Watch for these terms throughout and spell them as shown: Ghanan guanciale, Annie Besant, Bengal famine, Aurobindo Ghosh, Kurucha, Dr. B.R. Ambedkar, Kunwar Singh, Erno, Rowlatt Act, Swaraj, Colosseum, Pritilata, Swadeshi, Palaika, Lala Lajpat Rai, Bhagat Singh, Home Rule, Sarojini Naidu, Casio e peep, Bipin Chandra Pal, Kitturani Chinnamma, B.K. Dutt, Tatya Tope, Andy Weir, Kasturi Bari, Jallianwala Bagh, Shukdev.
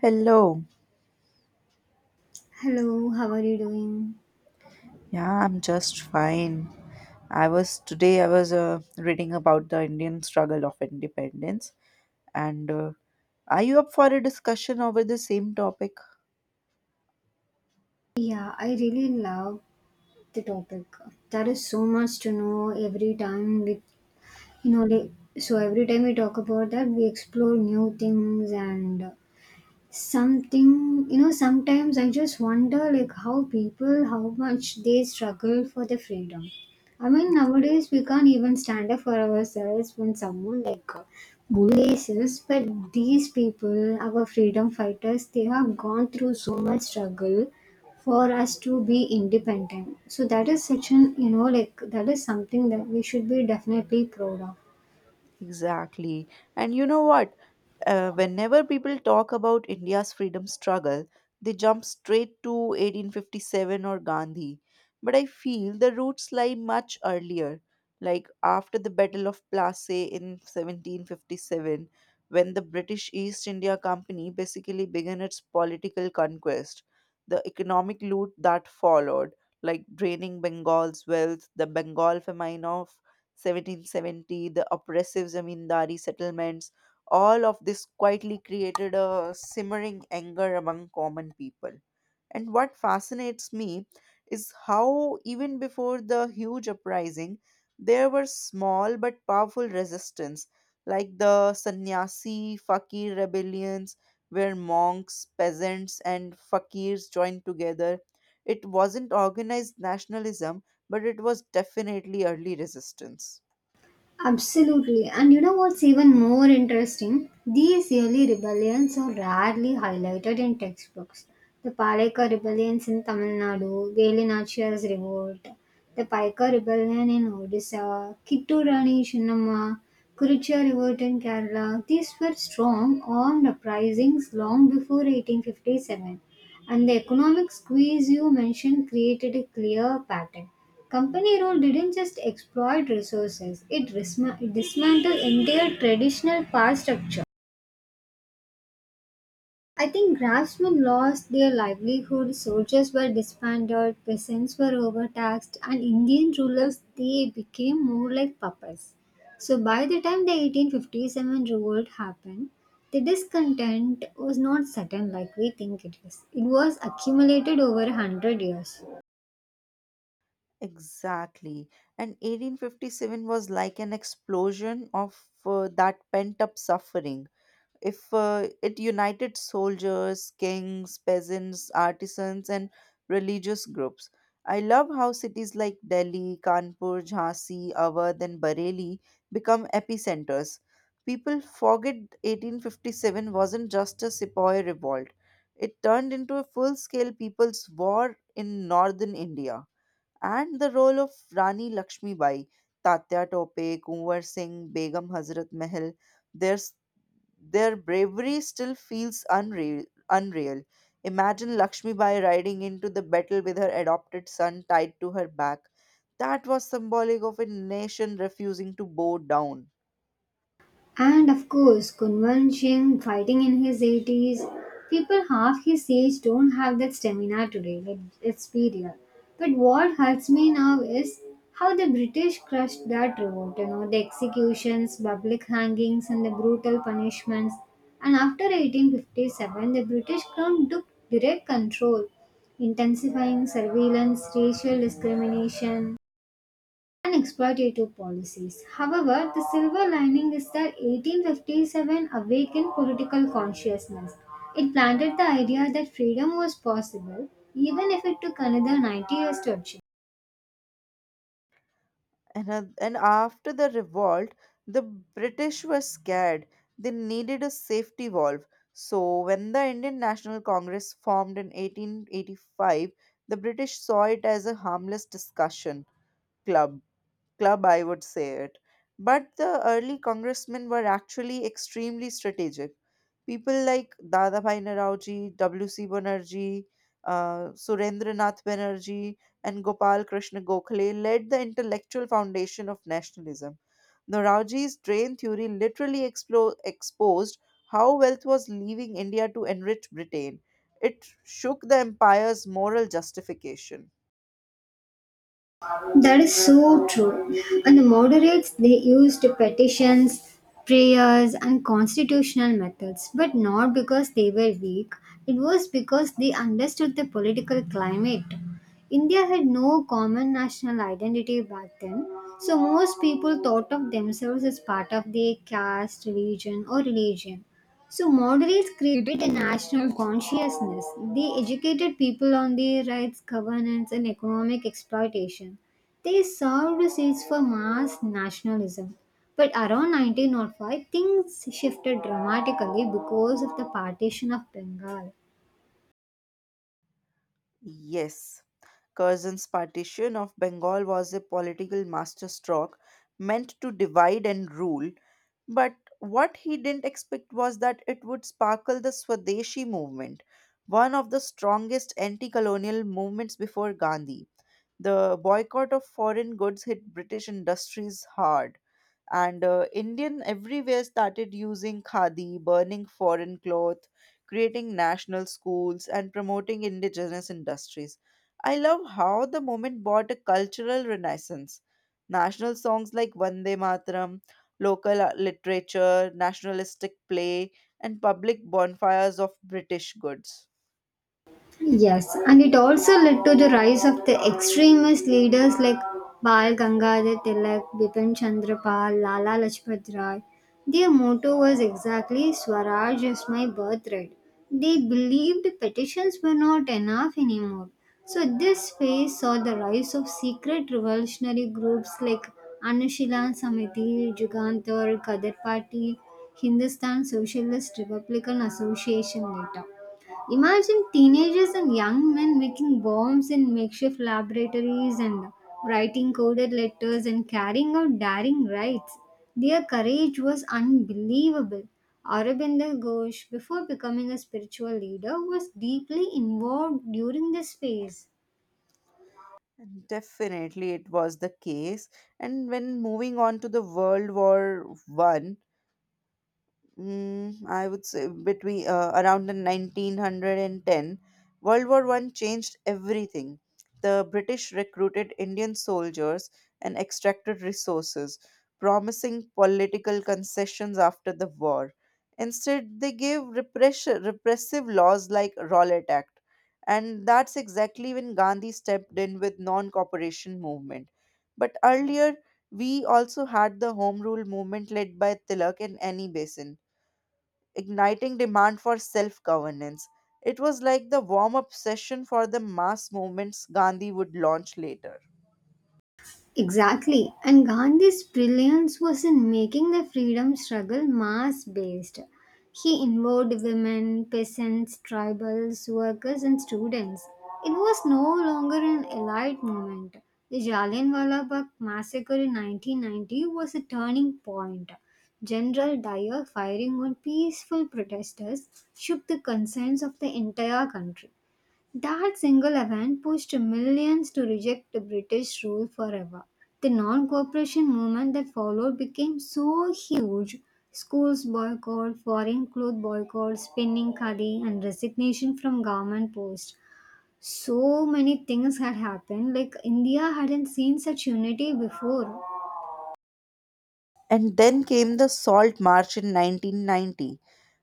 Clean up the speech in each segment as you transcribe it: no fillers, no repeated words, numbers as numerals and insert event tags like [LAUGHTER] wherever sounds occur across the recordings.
Hello. Hello, how are you doing? Yeah, I'm just fine. I was today I was reading about the Indian struggle of independence and are you up for a discussion over the same topic? Yeah, I really love the topic. There is so much to know every time we, you know, like, so every time we talk about that, we explore new things and something you know sometimes I just wonder like how people how much they struggle for their freedom. I mean nowadays we can't even stand up for ourselves when someone like bullies us, but these people, our freedom fighters, they have gone through so much struggle for us to be independent. So that is such an you know like that is something that we should be definitely proud of. Exactly. And you know what? Whenever people talk about India's freedom struggle, they jump straight to 1857 or Gandhi. But I feel the roots lie much earlier, like after the Battle of Plassey in 1757, when the British East India Company basically began its political conquest. The economic loot that followed, like draining Bengal's wealth, the Bengal famine of 1770, the oppressive zamindari settlements, all of this quietly created a simmering anger among common people. And what fascinates me is how, even before the huge uprising, there were small but powerful resistance, like the sannyasi fakir rebellions, where monks, peasants, and fakirs joined together. It wasn't organized nationalism, but it was definitely early resistance. Absolutely. And you know what's even more interesting? These yearly rebellions are rarely highlighted in textbooks. The Palaika rebellions in Tamil Nadu, Velinachiar's revolt, the Paika rebellion in Odisha, Kitturani Chinnamma, Kurucha revolt in Kerala. These were strong armed uprisings long before 1857. And the economic squeeze you mentioned created a clear pattern. Company rule didn't just exploit resources, dismantled entire traditional power structure. I think craftsmen lost their livelihood, soldiers were disbanded, peasants were overtaxed, and Indian rulers, they became more like puppets. So by the time the 1857 revolt happened, the discontent was not sudden like we think it is. It was accumulated over 100 years. Exactly. And 1857 was like an explosion of that pent up suffering. If It united soldiers, kings, peasants, artisans, and religious groups. I love how cities like Delhi, Kanpur, Jhansi, Awadh, and Bareilly become epicenters. People forget 1857 wasn't just a sepoy revolt, it turned into a full scale people's war in northern India. And the role of Rani Lakshmibai, Tatya Tope, Kunwar Singh, Begum Hazrat Mahal, their their bravery still feels unreal. Imagine Lakshmi Bai riding into the battle with her adopted son tied to her back. That was symbolic of a nation refusing to bow down. And of course, convention fighting in his 80s. People half his age don't have that stamina today. Let's be real. But what hurts me now is how the British crushed that revolt. You know, the executions, public hangings, and the brutal punishments. And after 1857, the British crown took direct control, intensifying surveillance, racial discrimination, and exploitative policies. However, the silver lining is that 1857 awakened political consciousness. It planted the idea that freedom was possible, even if it took another 90 years to achieve. And after the revolt, the British were scared. They needed a safety valve. So, when the Indian National Congress formed in 1885, the British saw it as a harmless discussion club club, I would say it. But the early congressmen were actually extremely strategic. People like Dadabhai Naraoji, W.C. Banerjee, Surendranath Banerjee, and Gopal Krishna Gokhale led the intellectual foundation of nationalism. Naraoji's drain theory literally exposed how wealth was leaving India to enrich Britain. It shook the empire's moral justification. That is so true. And the moderates, they used petitions, prayers, and constitutional methods, but not because they were weak. It was because they understood the political climate. India had no common national identity back then, so most people thought of themselves as part of their caste, religion, or religion. So moderates created a national consciousness. They educated people on their rights, governance, and economic exploitation. They served the seeds for mass nationalism. But around 1905, things shifted dramatically because of the partition of Bengal. Yes, Curzon's partition of Bengal was a political masterstroke meant to divide and rule, but what he didn't expect was that it would sparkle the Swadeshi movement, one of the strongest anti colonial movements before Gandhi. The boycott of foreign goods hit British industries hard, and Indian everywhere started using khadi, burning foreign cloth, creating national schools, and promoting indigenous industries. I love how the movement brought a cultural renaissance. National songs like Vande Mataram, local literature, nationalistic play, and public bonfires of British goods. Yes, and it also led to the rise of the extremist leaders like Bal Gangadhar Tilak, Bipin Chandra Pal, Lala Lajpat Rai. Their motto was exactly, Swaraj is my birthright. They believed petitions were not enough anymore. So this phase saw the rise of secret revolutionary groups like Anushilan Samiti, Jugantar, Kadar Party, Hindustan Socialist Republican Association later. Imagine teenagers and young men making bombs in makeshift laboratories and writing coded letters and carrying out daring raids. Their courage was unbelievable. Aurobindo Ghosh, before becoming a spiritual leader, was deeply involved during this phase. Definitely, it was the case. And when moving on to the World War One, I would say between around the 1910, World War One changed everything. The British recruited Indian soldiers and extracted resources, promising political concessions after the war. Instead, they gave repression, repressive laws like Rowlatt Act, and that's exactly when Gandhi stepped in with non-cooperation movement. But earlier, we also had the Home Rule movement led by Tilak and Annie Besant igniting demand for self governance. It was like the warm up session for the mass movements Gandhi would launch later. Exactly. And Gandhi's brilliance was in making the freedom struggle mass based. He involved women, peasants, tribals, workers, and students. It was no longer an elite movement. The Jallianwala Bagh massacre in 1990 was a turning point. General Dyer firing on peaceful protesters shook the conscience of the entire country. That single event pushed millions to reject the British rule forever. The non cooperation movement that followed became so huge, schools boycott, foreign cloth boycott, spinning khadi, and resignation from government posts. So many things had happened, like India hadn't seen such unity before. And then came the Salt March in 1990,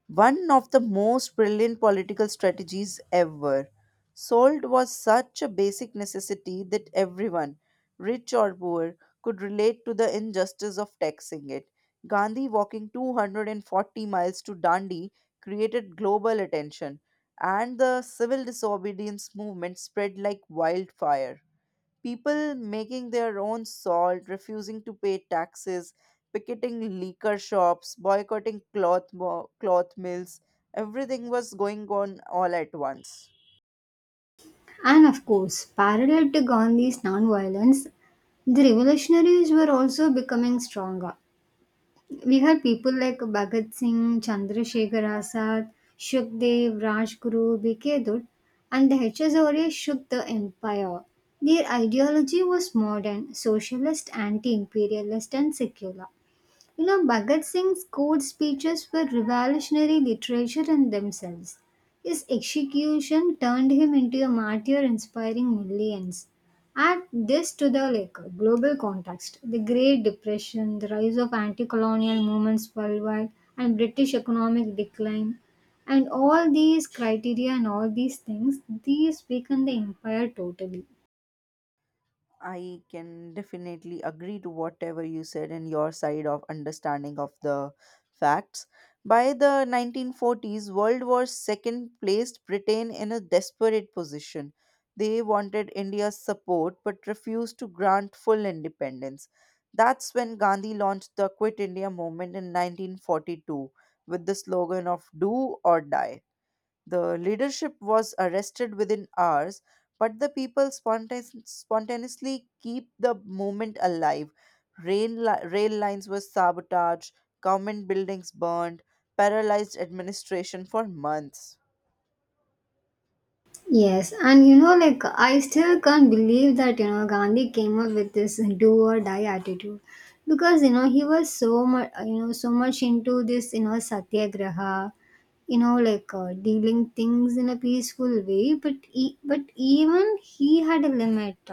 one of the most brilliant political strategies ever. Salt was such a basic necessity that everyone, rich or poor, could relate to the injustice of taxing it. Gandhi walking 240 miles to Dandi created global attention, and the civil disobedience movement spread like wildfire. People making their own salt, refusing to pay taxes, picketing liquor shops, boycotting cloth, cloth mills, everything was going on all at once. And of course, parallel to Gandhi's non violence, the revolutionaries were also becoming stronger. We had people like Bhagat Singh, Chandrasekhar Azad, Shukdev, Rajguru, B.K. Dutt, and the HSRA shook the empire. Their ideology was modern, socialist, anti imperialist, and secular. You know, Bhagat Singh's court speeches were revolutionary literature in themselves. His execution turned him into a martyr inspiring millions. Add this to the global context, the Great Depression, the rise of anti-colonial movements worldwide, and British economic decline, and all these criteria and all these things, these weaken the empire totally. I can definitely agree to whatever you said and your side of understanding of the facts. By the 1940s, World War II placed Britain in a desperate position. They wanted India's support but refused to grant full independence. That's when Gandhi launched the Quit India movement in 1942 with the slogan of Do or Die. The leadership was arrested within hours, but the people spontaneously keep the movement alive. Rail lines were sabotaged, government buildings burned, paralyzed administration for months. Yes, and I still can't believe that Gandhi came up with this do or die attitude, because he was so much into this satyagraha, dealing things in a peaceful way, but even he had a limit,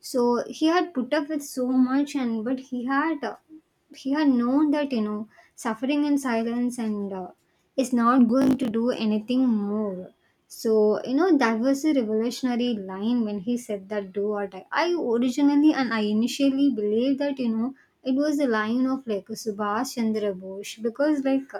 so he had put up with so much, and but he had known that suffering in silence and is not going to do anything more. So, that was a revolutionary line when he said that do or die. I originally and I initially believed that, you know, it was the line of like Subhash Chandra Bose because,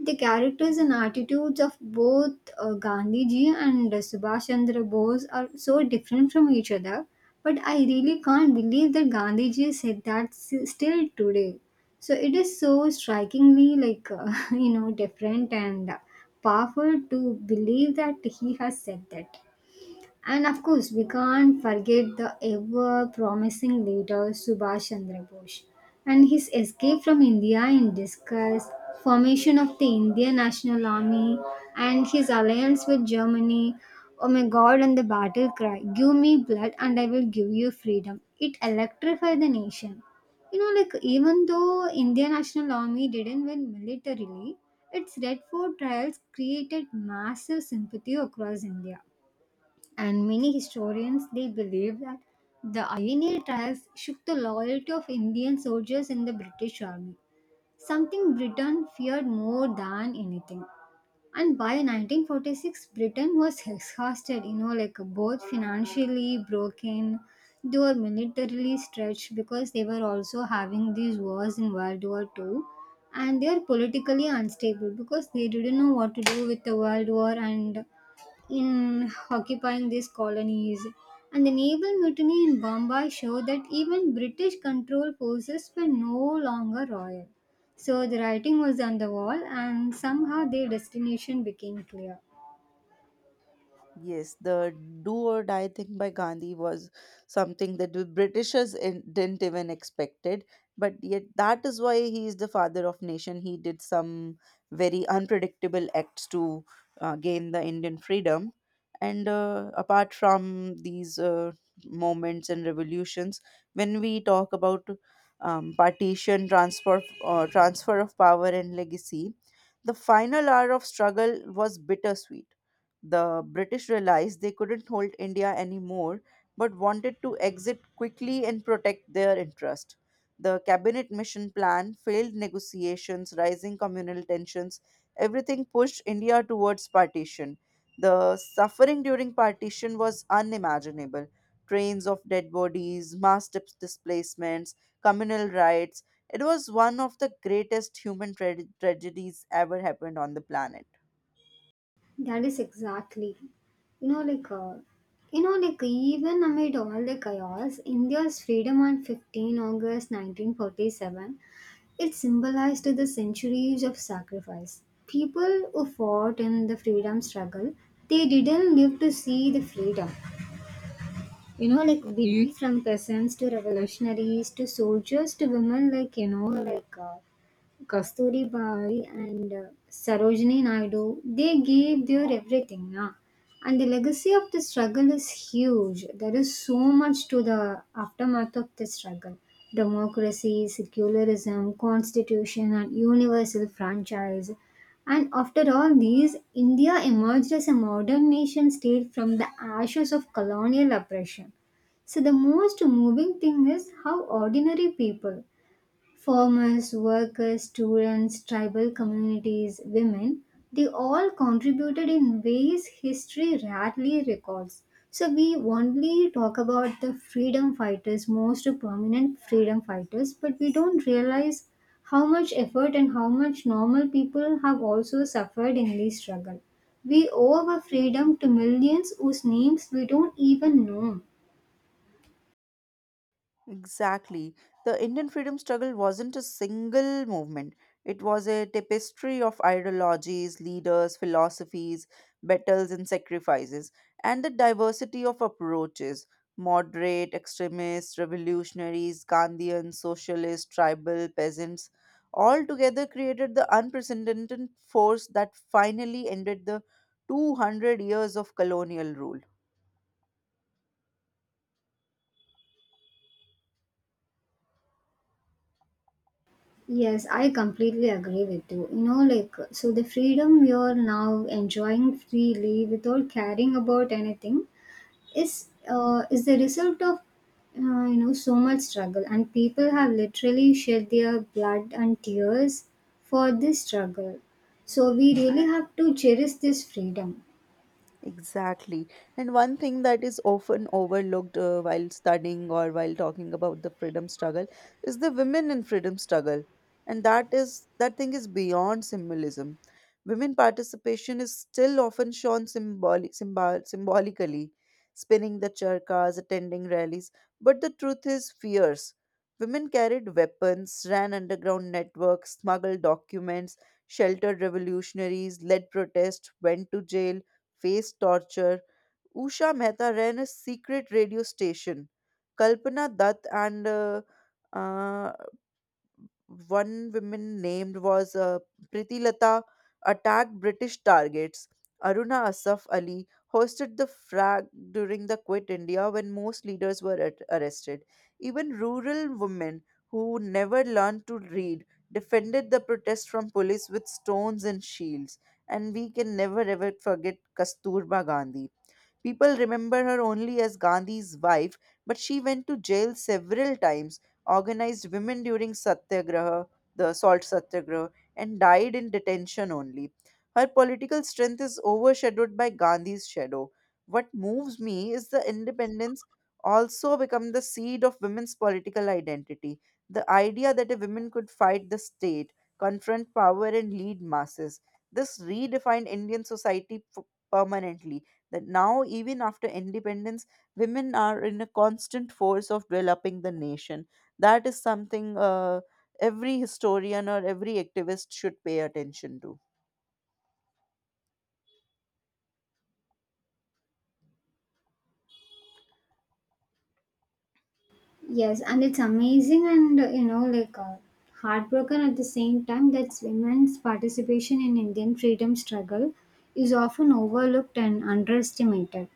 the characters and attitudes of both Gandhiji and Subhash Chandra Bose are so different from each other. But I really can't believe that Gandhiji said still today, so it is so strikingly [LAUGHS] different and powerful to believe that he has said that. And of course, we can't forget the ever promising leader Subhash Chandra Bose and his escape from India in disguise, formation of the Indian National Army, and his alliance with Germany. Oh my god, and the battle cry, Give me blood and I will give you freedom. It electrified the nation. Even though Indian National Army didn't win militarily, its Red Fort trials created massive sympathy across India, and many historians, they believe that the INA trials shook the loyalty of Indian soldiers in the British army, something Britain feared more than anything. And by 1946, Britain was exhausted, both financially broken, they were militarily stretched because they were also having these wars in World War II, and they are politically unstable because they didn't know what to do with the World War and in occupying these colonies. And the naval mutiny in Bombay showed that even British control forces were no longer royal. So the writing was on the wall, and somehow their destination became clear. Yes, the do or die thing by Gandhi was something that the Britishers didn't even expected, but yet that is why he is the father of nation. He did some very unpredictable acts to gain the Indian freedom, and apart from these moments and revolutions, when we talk about partition, transfer of power and legacy, the final hour of struggle was bittersweet. The British realized they couldn't hold India anymore but wanted to exit quickly and protect their interest. The cabinet mission plan failed negotiations, rising communal tensions, everything pushed India towards partition. The suffering during partition was unimaginable. Trains of dead bodies, mass displacements, communal riots. It was one of the greatest human tragedies ever happened on the planet. That is exactly. You know, like, uh, even amid all the chaos, India's freedom on 15 August 1947, it symbolized the centuries of sacrifice. People who fought in the freedom struggle, they didn't live to see the freedom. We, from peasants to revolutionaries to soldiers to women, Kasturi Bari and Sarojini Naidu, they gave their everything. Na? And the legacy of the struggle is huge. There is so much to the aftermath of the struggle, democracy, secularism, constitution, and universal franchise. And after all these, India emerged as a modern nation state from the ashes of colonial oppression. So, the most moving thing is how ordinary people, farmers, workers, students, tribal communities, women, they all contributed in ways history rarely records. So we only talk about the freedom fighters, most prominent freedom fighters, but we don't realize how much effort and how much normal people have also suffered in this struggle. We owe our freedom to millions whose names we don't even know. Exactly. The Indian freedom struggle wasn't a single movement. It was a tapestry of ideologies, leaders, philosophies, battles, and sacrifices, and the diversity of approaches moderate, extremists, revolutionaries, Gandhians, socialists, tribal, peasants all together created the unprecedented force that finally ended the 200 years of colonial rule. Yes, I completely agree with you. You know, so the freedom you're now enjoying freely without caring about anything is, is the result of so much struggle, and people have literally shed their blood and tears for this struggle. So we really have to cherish this freedom. Exactly. And one thing that is often overlooked while studying or while talking about the freedom struggle is the women in freedom struggle. And that thing is beyond symbolism. Women participation is still often shown symbolically, spinning the charkas, attending rallies. But the truth is fierce. Women carried weapons, ran underground networks, smuggled documents, sheltered revolutionaries, led protests, went to jail face torture. Usha Mehta ran a secret radio station. Kalpana Dutt and uh, one woman named was Pritilata attacked British targets. Aruna Asaf Ali hosted the frag during the Quit India when most leaders were arrested. Even rural women who never learned to read defended the protest from police with stones and shields. And we can never ever forget Kasturba Gandhi. People remember her only as Gandhi's wife, but she went to jail several times, organized women during Satyagraha, the salt Satyagraha, and died in detention only. Her political strength is overshadowed by Gandhi's shadow. What moves me is the independence also become the seed of women's political identity. The idea that a woman could fight the state, confront power, and lead masses. This redefined Indian society permanently, that now even after independence women are in a constant force of developing the nation. That is something every historian or every activist should pay attention to. Yes, and it's amazing and, heartbroken at the same time that women's participation in Indian freedom struggle is often overlooked and underestimated.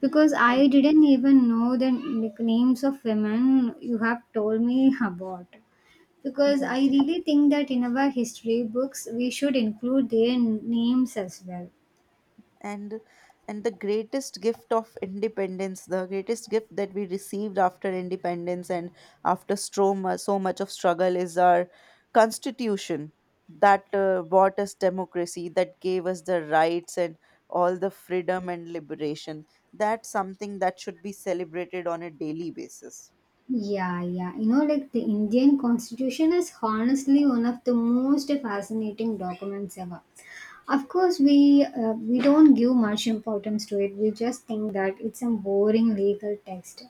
Because And I didn't even know the, names of women you have told me about. Because mhm. I really think that in our history books, we should include their names as well. and and the greatest gift that we received after independence and after stroma, so much of struggle is our constitution, that bought us democracy, that gave us the rights and all the freedom and liberation. That's something that should be celebrated on a daily basis. Yeah, yeah. The Indian Constitution is honestly one of the most fascinating documents ever. Of course, we don't give much importance to it. We just think that it's a boring legal text.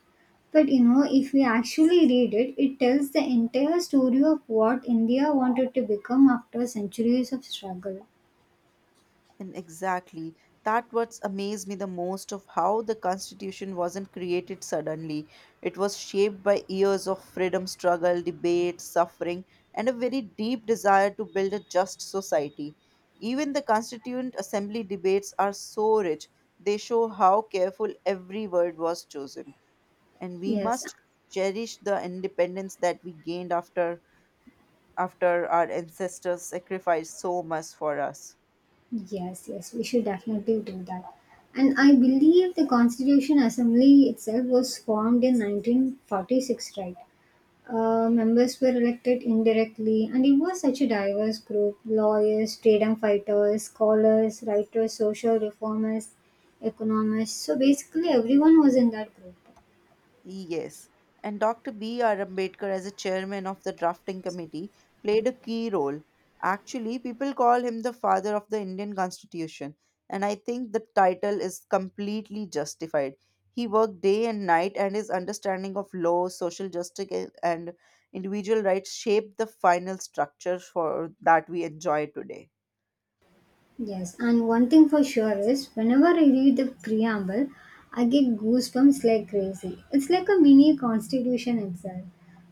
But you know, if we actually read it, it tells the entire story of what India wanted to become after centuries of struggle. And exactly. That what's amazed me the most of how the constitution wasn't created suddenly. It was shaped by years of freedom struggle, debate, suffering, and a very deep desire to build a just society. Even the constituent assembly debates are so rich. They show how careful every word was chosen. And we Yes, must cherish the independence that we gained after our ancestors sacrificed so much for us. yes, yes, we should definitely do that. And I believe the Constitution Assembly itself was formed in 1946, right? Members were elected indirectly, and it was such a diverse group, lawyers, freedom fighters, scholars, writers, social reformers, economists. So basically, everyone was in that group. Yes, and Dr. B.R. Ambedkar, as a chairman of the drafting committee, played a key role. Actually, people call him the father of the Indian Constitution, and I think the title is completely justified. He worked day and night, and his understanding of law, social justice, and individual rights shaped the final structure for that we enjoy today. Yes, and one thing for sure is whenever I read the preamble, I get goosebumps like crazy. It's like a mini constitution itself.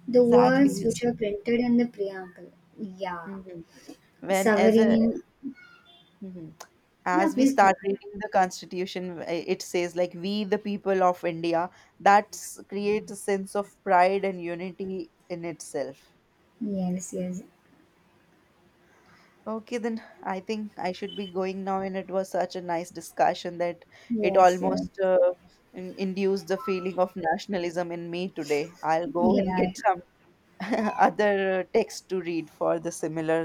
The words Exactly. which are printed in the preamble. Yeah, Mhm. When as a sovereign. mhm. Yeah, As we please start go. reading the constitution it says like we the people of India, that creates a sense of pride and unity in itself. Yes, yes, Okay, then I think I should be going now, and it was such a nice discussion that it yes, yes. almost induced the feeling of nationalism in me. Today I'll go and Yeah, get some [LAUGHS] other text to read for the similar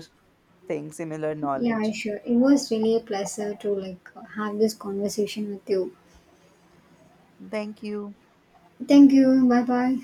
thing similar yeah, yeah, knowledge. sure. It was really a pleasure to like have this conversation with you. Thank you. Thank you. Bye bye.